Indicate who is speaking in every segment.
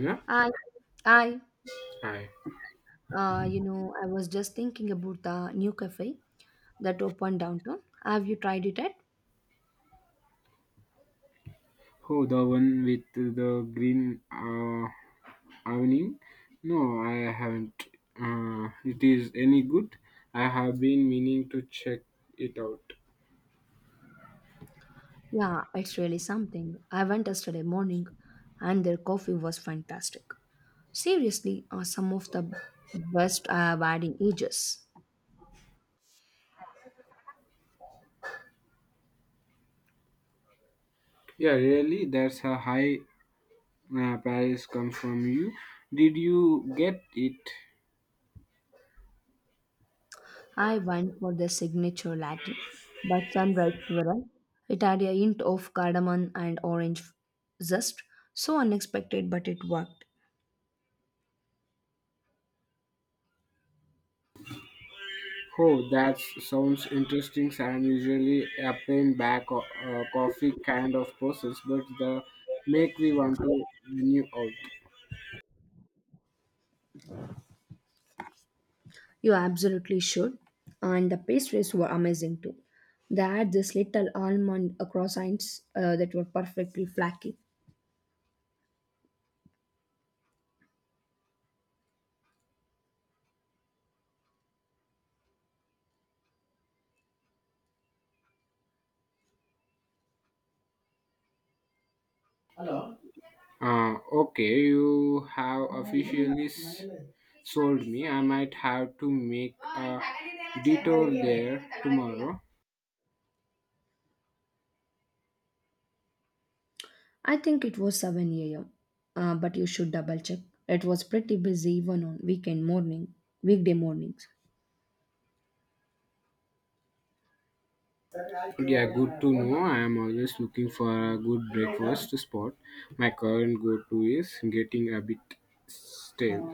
Speaker 1: Yeah,
Speaker 2: I, I,
Speaker 1: I.
Speaker 2: I was just thinking about the new cafe that opened downtown. Have you tried it yet?
Speaker 1: Oh, the one with the green awning? No, I haven't. It is any good? I have been meaning to check it out.
Speaker 2: Yeah, it's really something. I went yesterday morning, and their coffee was fantastic. Seriously, some of the best I have had in ages.
Speaker 1: Yeah, really, that's a high price comes from you. Did you get it?
Speaker 2: I went for their signature latte, but sunrise swirl. It had a hint of cardamom and orange zest. So unexpected, but it worked.
Speaker 1: Oh, that sounds interesting. I'm usually a plain coffee kind of process, but the make me want to menu
Speaker 2: You absolutely should. And the pastries were amazing too. They had this little almond croissants that were perfectly flaky.
Speaker 1: out. Okay, you have officially sold me. I might have to make a detour there tomorrow.
Speaker 2: I think it was 7 a.m. But you should double check. It was pretty busy even on weekday mornings.
Speaker 1: Yeah, good to know. I am always looking for a good breakfast spot. My current go to is getting a bit stale.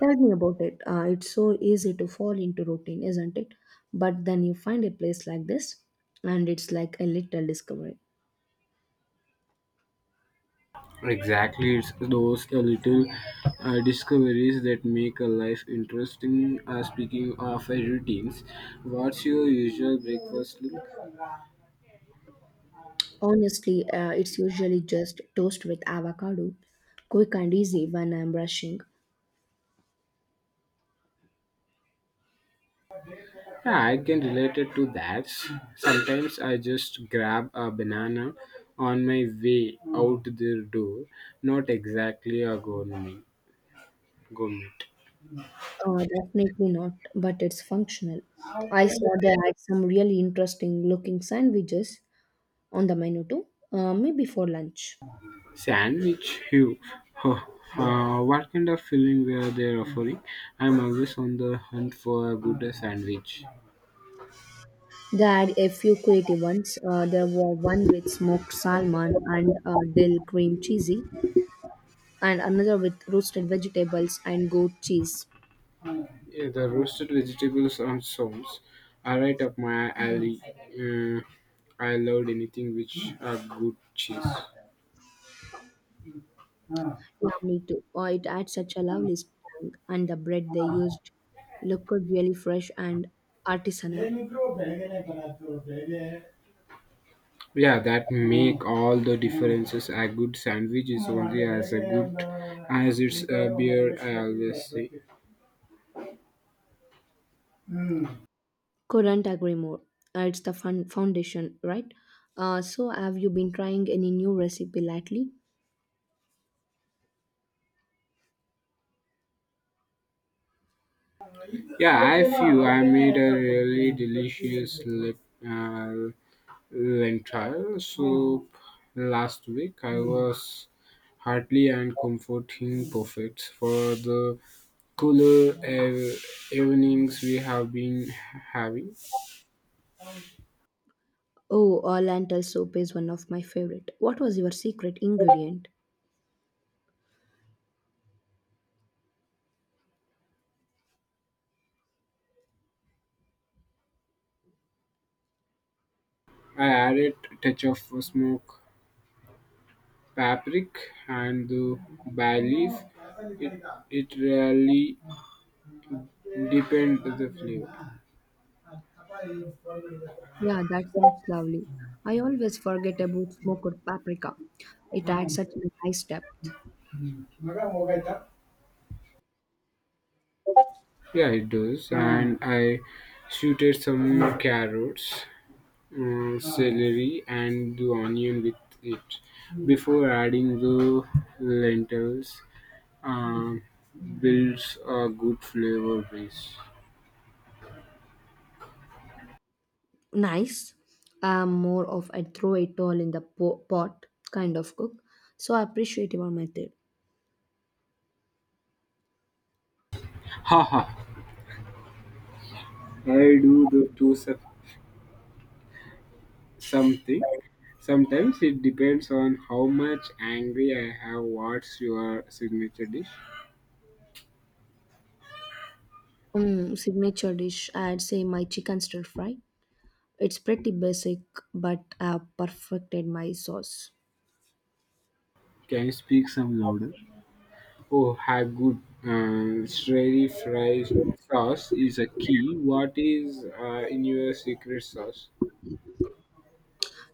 Speaker 2: Tell me about it. It's so easy to fall into routine, isn't it? But then you find a place like this, and it's like a little discovery.
Speaker 1: Exactly, it's those little discoveries that make a life interesting. Speaking of routines, what's your usual breakfast look?
Speaker 2: Honestly, it's usually just toast with avocado, quick and easy when I'm rushing.
Speaker 1: Yeah, I can relate it to that. Sometimes I just grab a banana on my way out the door. Not exactly a gourmet
Speaker 2: Definitely not, but it's functional. I saw they had some really interesting looking sandwiches on the menu too, maybe for lunch.
Speaker 1: sandwich. You, huh, what kind of filling were they offering? I'm always on the hunt for a good sandwich.
Speaker 2: They had a few creative ones. There were one with smoked salmon and dill cream cheesy, and another with roasted vegetables and goat cheese.
Speaker 1: Yeah, the roasted vegetables and sauce are right up my alley. Uh, I loved anything which a good cheese.
Speaker 2: Yeah, me too. Oh, it had such a lovely tang, and the bread they used looked really fresh and artisanal.
Speaker 1: Yeah, that make all the differences. A good sandwich is only as a good as its ಮುದ್ದೆ beer. I ಹಾಕಿದ್ದೆ always say.
Speaker 2: Couldn't agree more. It's the fun foundation, right? So, have you been trying any new recipe lately?
Speaker 1: Yeah, I feel I made a really delicious lip, uh, lentil soup last week. I was hearty and comforting, perfect for the cooler ev- evenings we have been having.
Speaker 2: Oh, lentil soup is one of my favorite. What was your secret ingredient?
Speaker 1: I added a touch of smoke paprika and the bay leaf. It, it really depends on the flavor.
Speaker 2: Yeah, that sounds lovely. I always forget about smoked paprika. It adds such a nice depth.
Speaker 1: Yeah, it does. And I shooted some carrots, celery, and the onion with it before adding the lentils. Um, Builds a good flavor base.
Speaker 2: Nice. I'm more of a throw it all in the pot kind of cook, so I appreciate your method.
Speaker 1: Haha, I do the two sep- something sometimes it depends on how much angry I have. What's your signature dish?
Speaker 2: Mm, signature dish, I'd say my chicken stir fry. It's pretty basic, but I've perfected my sauce.
Speaker 1: Can you speak some louder? Oh, have good sherry fry sauce is a key. What is in your secret sauce?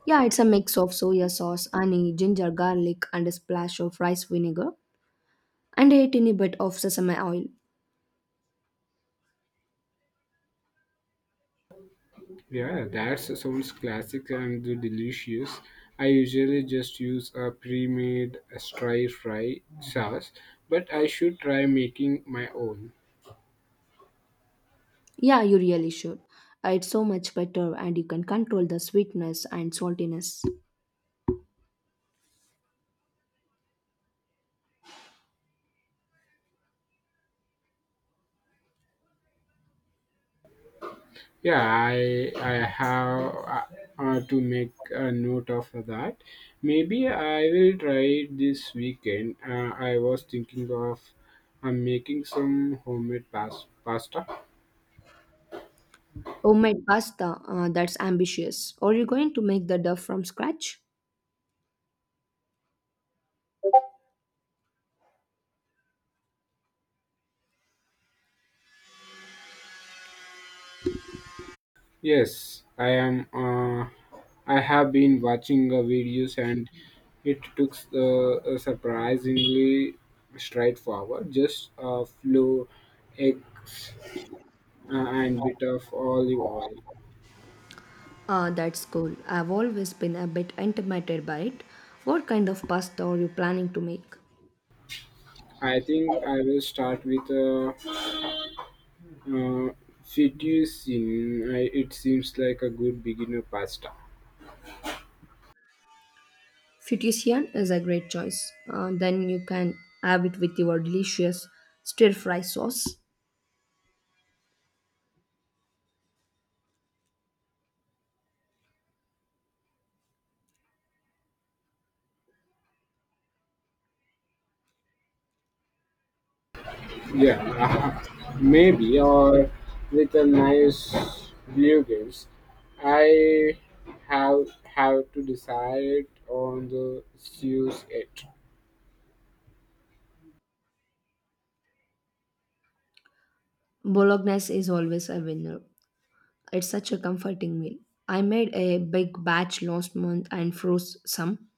Speaker 2: Yeah, it's a mix of soya sauce, honey, ginger, garlic, and a splash of rice vinegar, and a tiny bit of sesame oil.
Speaker 1: Yeah, that sounds classic and delicious. I usually just use a pre-made stir fry sauce, but I should try making my own.
Speaker 2: Yeah, you really should. It's so much better, and you can control the sweetness and saltiness.
Speaker 1: Yeah, I have to make a note of that. Maybe I will try it this weekend. I was thinking of making some homemade pasta.
Speaker 2: Homemade pasta, that's ambitious. Are you going to make the dough from scratch?
Speaker 1: Yes, I am. I have been watching videos, and it took surprisingly straightforward. Just a few eggs and bit of olive oil.
Speaker 2: Ah, that's cool. I've always been a bit intimidated by it. What kind of pasta are you planning to make?
Speaker 1: I think I will start with a Uh, fettuccine, I, it seems like a good beginner pasta.
Speaker 2: Fettuccine is a great choice. Then you can have it with your delicious stir fry sauce.
Speaker 1: Yeah, maybe, or with a nice bluegrass. I have to decide on the use it.
Speaker 2: Bolognese is always a winner. It's such a comforting meal. I made a big batch last month and froze some.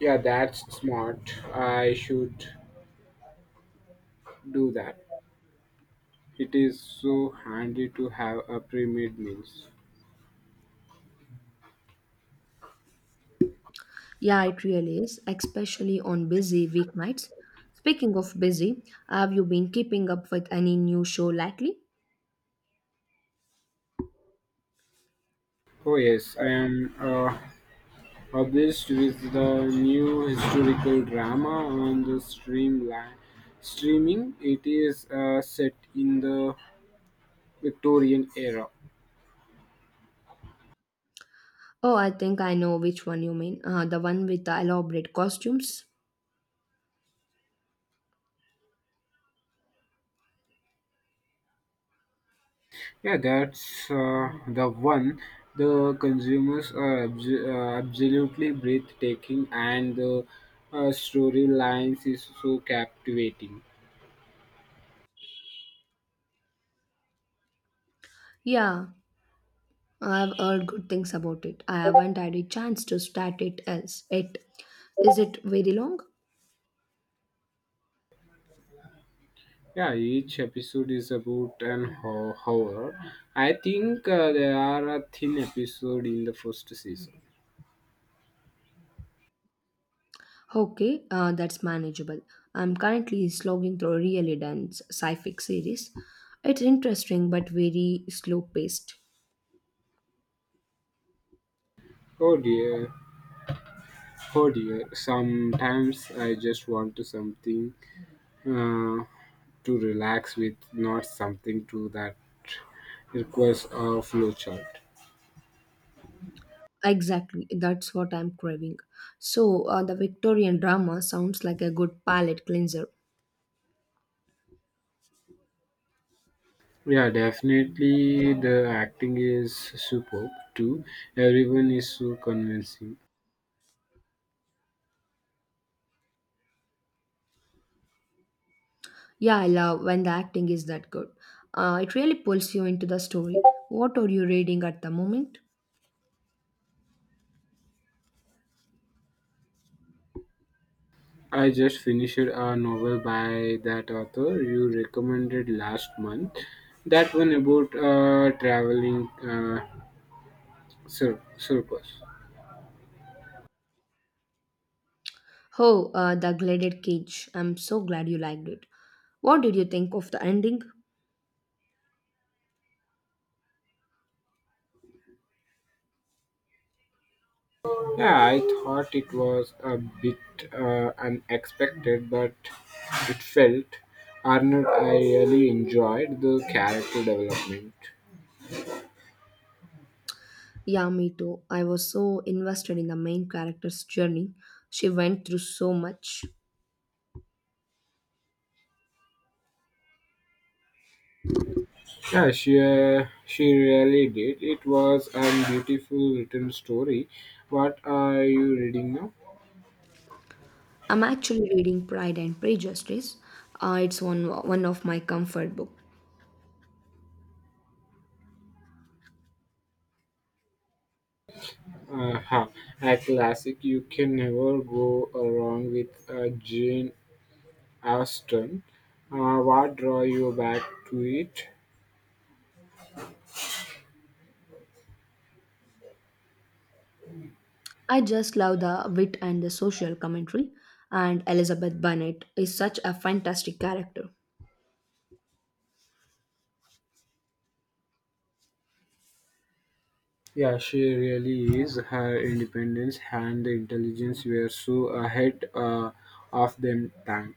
Speaker 1: Yeah, that's smart. I should do that. It is so handy to have a pre-made meals.
Speaker 2: Yeah, it really is, especially on busy weeknights. Speaking of busy, have you been keeping up with any new show lately?
Speaker 1: Oh yes, I am. Published with the new historical drama on the streamline streaming. It is set in the Victorian era.
Speaker 2: Oh, I think I know which one you mean. The one with the elaborate costumes.
Speaker 1: Yeah, that's the one. The consumers are absolutely breathtaking, and the storylines is so captivating.
Speaker 2: Yeah, I've heard good things about it. I haven't had a chance to start it else it is it very long?
Speaker 1: Yeah, each episode is about an hour. I think there are a thin episode in the first season.
Speaker 2: Okay, that's manageable. I'm currently slogging through a really dense sci-fi series. It's interesting but very slow-paced.
Speaker 1: Oh dear. Oh dear, sometimes I just want to something uh, to relax with, not something to that requires a flowchart.
Speaker 2: Exactly, that's what I'm craving. So the Victorian drama sounds like a good palate cleanser.
Speaker 1: Yeah, definitely the acting is superb too. Everyone is so convincing.
Speaker 2: Yeah, I love when the acting is that good. It really pulls you into the story. What are you reading at the moment?
Speaker 1: I just finished a novel by that author you recommended last month. That one about traveling circus.
Speaker 2: Oh, The Gilded Cage. I'm so glad you liked it. What did you think of the ending?
Speaker 1: Yeah, I thought it was a bit unexpected, but it felt Arnold. I really enjoyed the character development.
Speaker 2: Yeah, me too. I was so invested in the main character's journey. She went through so much.
Speaker 1: Yeah, she really did. It was a beautiful written story. What are you reading now?
Speaker 2: I'm actually reading Pride and Prejudice. It's one of my comfort books.
Speaker 1: Huh, a classic. You can never go wrong with Jane Austen. What draw you back to it?
Speaker 2: I just love the wit and the social commentary, and Elizabeth Bennet is such a fantastic character.
Speaker 1: Yeah, she really is. Her independence and the intelligence were so ahead of them time.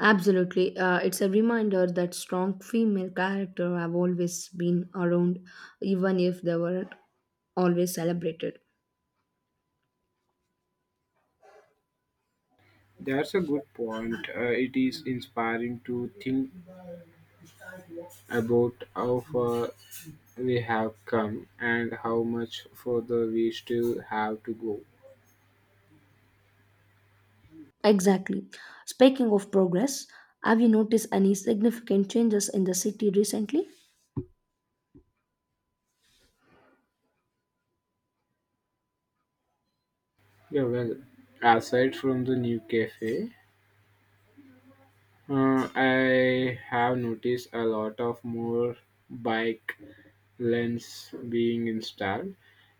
Speaker 2: Absolutely. It's a reminder that strong female character have always been around, even if they weren't always celebrated.
Speaker 1: That's a good point. It is inspiring to think about how far we have come and how much further we still have to go.
Speaker 2: Exactly. Speaking of progress, have you noticed any significant changes in the city recently?
Speaker 1: Yeah, well, aside from the new cafe, I have noticed a lot of more bike lanes being installed.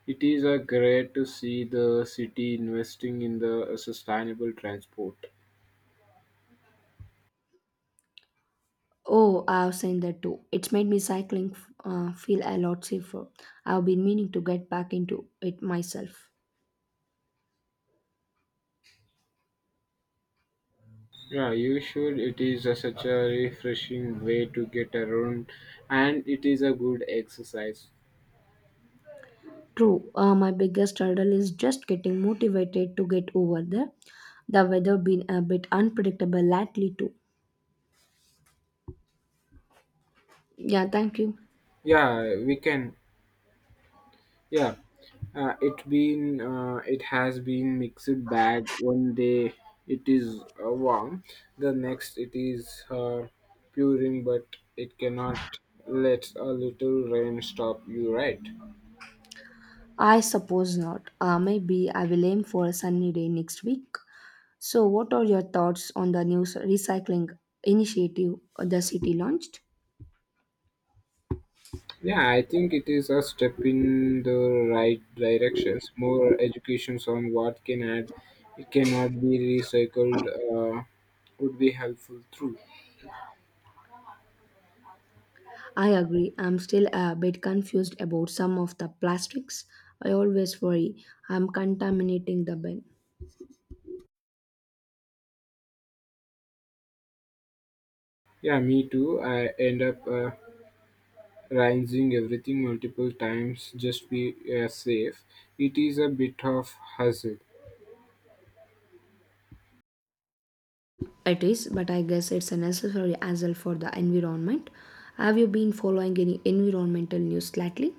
Speaker 1: It is a great to see the city investing in the sustainable transport.
Speaker 2: Oh, I've seen that too. It's made me cycling feel a lot safer. I've been meaning to get back into it myself.
Speaker 1: Yeah, you should. It is a, such a refreshing way to get around, and it is a good exercise.
Speaker 2: True, my biggest hurdle is just getting motivated to get over there. The weather been a bit unpredictable lately too. Yeah, thank you.
Speaker 1: Yeah, we can. Yeah, it has been mixed bag. One day it is warm, the next it is puring, but it cannot let a little rain stop you. Right?
Speaker 2: I suppose not. Maybe I will aim for a sunny day next week. So, what are your thoughts on the new recycling initiative the city launched?
Speaker 1: Yeah, I think it is a step in the right directions. More educations on what can add, it cannot be recycled, would be helpful too.
Speaker 2: I agree. I'm still a bit confused about some of the plastics. I always worry I'm contaminating the bin.
Speaker 1: Yeah, me too. I end up. Rinsing everything multiple times just be safe. It is a bit of hassle.
Speaker 2: It is, but I guess it's a necessary as well for the environment. Have you been following any environmental news lately?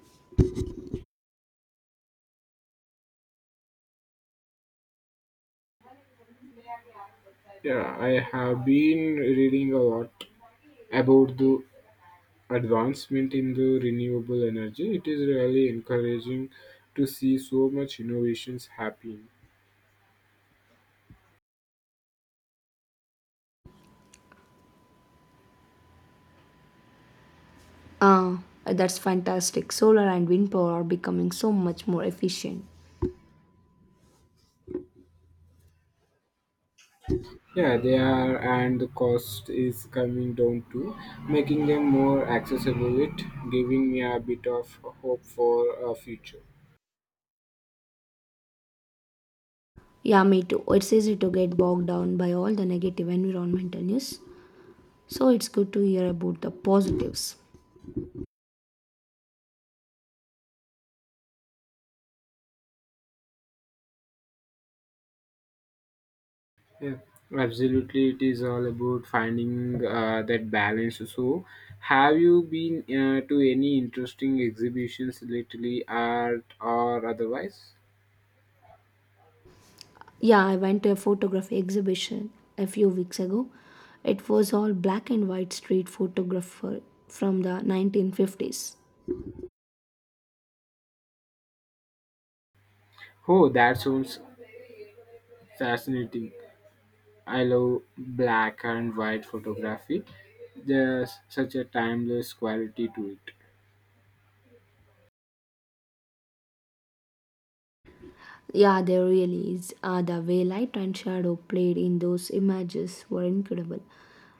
Speaker 1: Yeah, I have been reading a lot about the advancement in the renewable energy. It is really encouraging to see so much innovations happening.
Speaker 2: Ah, that's fantastic. Solar and wind power are becoming so much more efficient.
Speaker 1: Yeah, they are, and the cost is coming down too, making them more accessible. It giving me a bit of hope for a future.
Speaker 2: Yeah, me too. It's easy to get bogged down by all the negative environmental news. So it's good to hear about the positives.
Speaker 1: Yeah, absolutely. It is all about finding that balance. So, have you been to any interesting exhibitions lately, art or otherwise?
Speaker 2: Yeah, I went to a photography exhibition a few weeks ago. It was all black and white street photographer from the 1950s.
Speaker 1: Oh, that sounds fascinating. I love black and white photography. There's such a timeless quality to it.
Speaker 2: Yeah, there really is. The way light and shadow played in those images were incredible.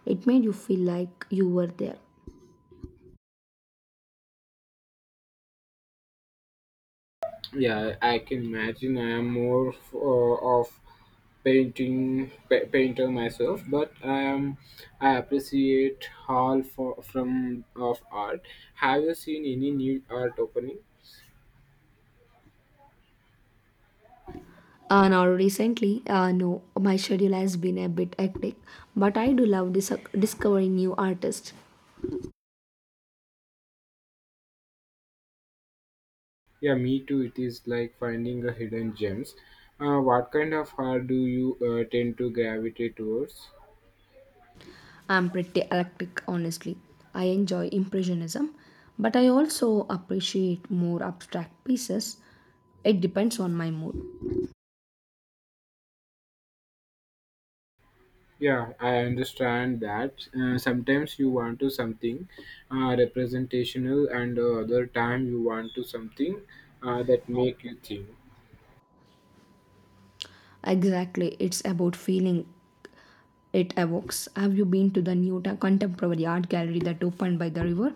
Speaker 2: It made you feel like you were there.
Speaker 1: Yeah, I can imagine. I am more of painter myself, but I appreciate all from of art. Have you seen any new art opening?
Speaker 2: No, my schedule has been a bit hectic, but I do love discovering new artists.
Speaker 1: Yeah, me too. It is like finding a hidden gems. What kind of art do you tend to gravitate towards?
Speaker 2: I'm pretty eclectic, honestly. I enjoy Impressionism, but I also appreciate more abstract pieces. It depends on my mood.
Speaker 1: Yeah, I understand that. Sometimes you want to something representational, and other time you want to something that make you think.
Speaker 2: Exactly, it's about feeling it evokes. Have you been to the new contemporary art gallery that opened by the river?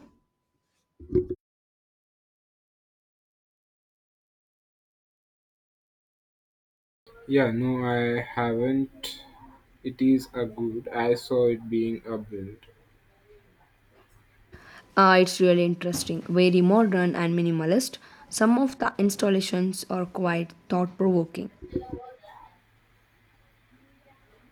Speaker 1: Yeah, no, I haven't. It is a good. I saw it being a build.
Speaker 2: It's really interesting, very modern and minimalist. Some of the installations are quite thought provoking.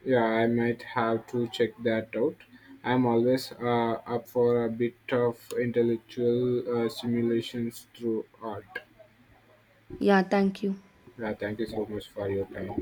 Speaker 1: Yeah, I might have to check that out. I'm always up for a bit of intellectual simulations through art.
Speaker 2: Yeah, thank you.
Speaker 1: Yeah, thank you so much for your time.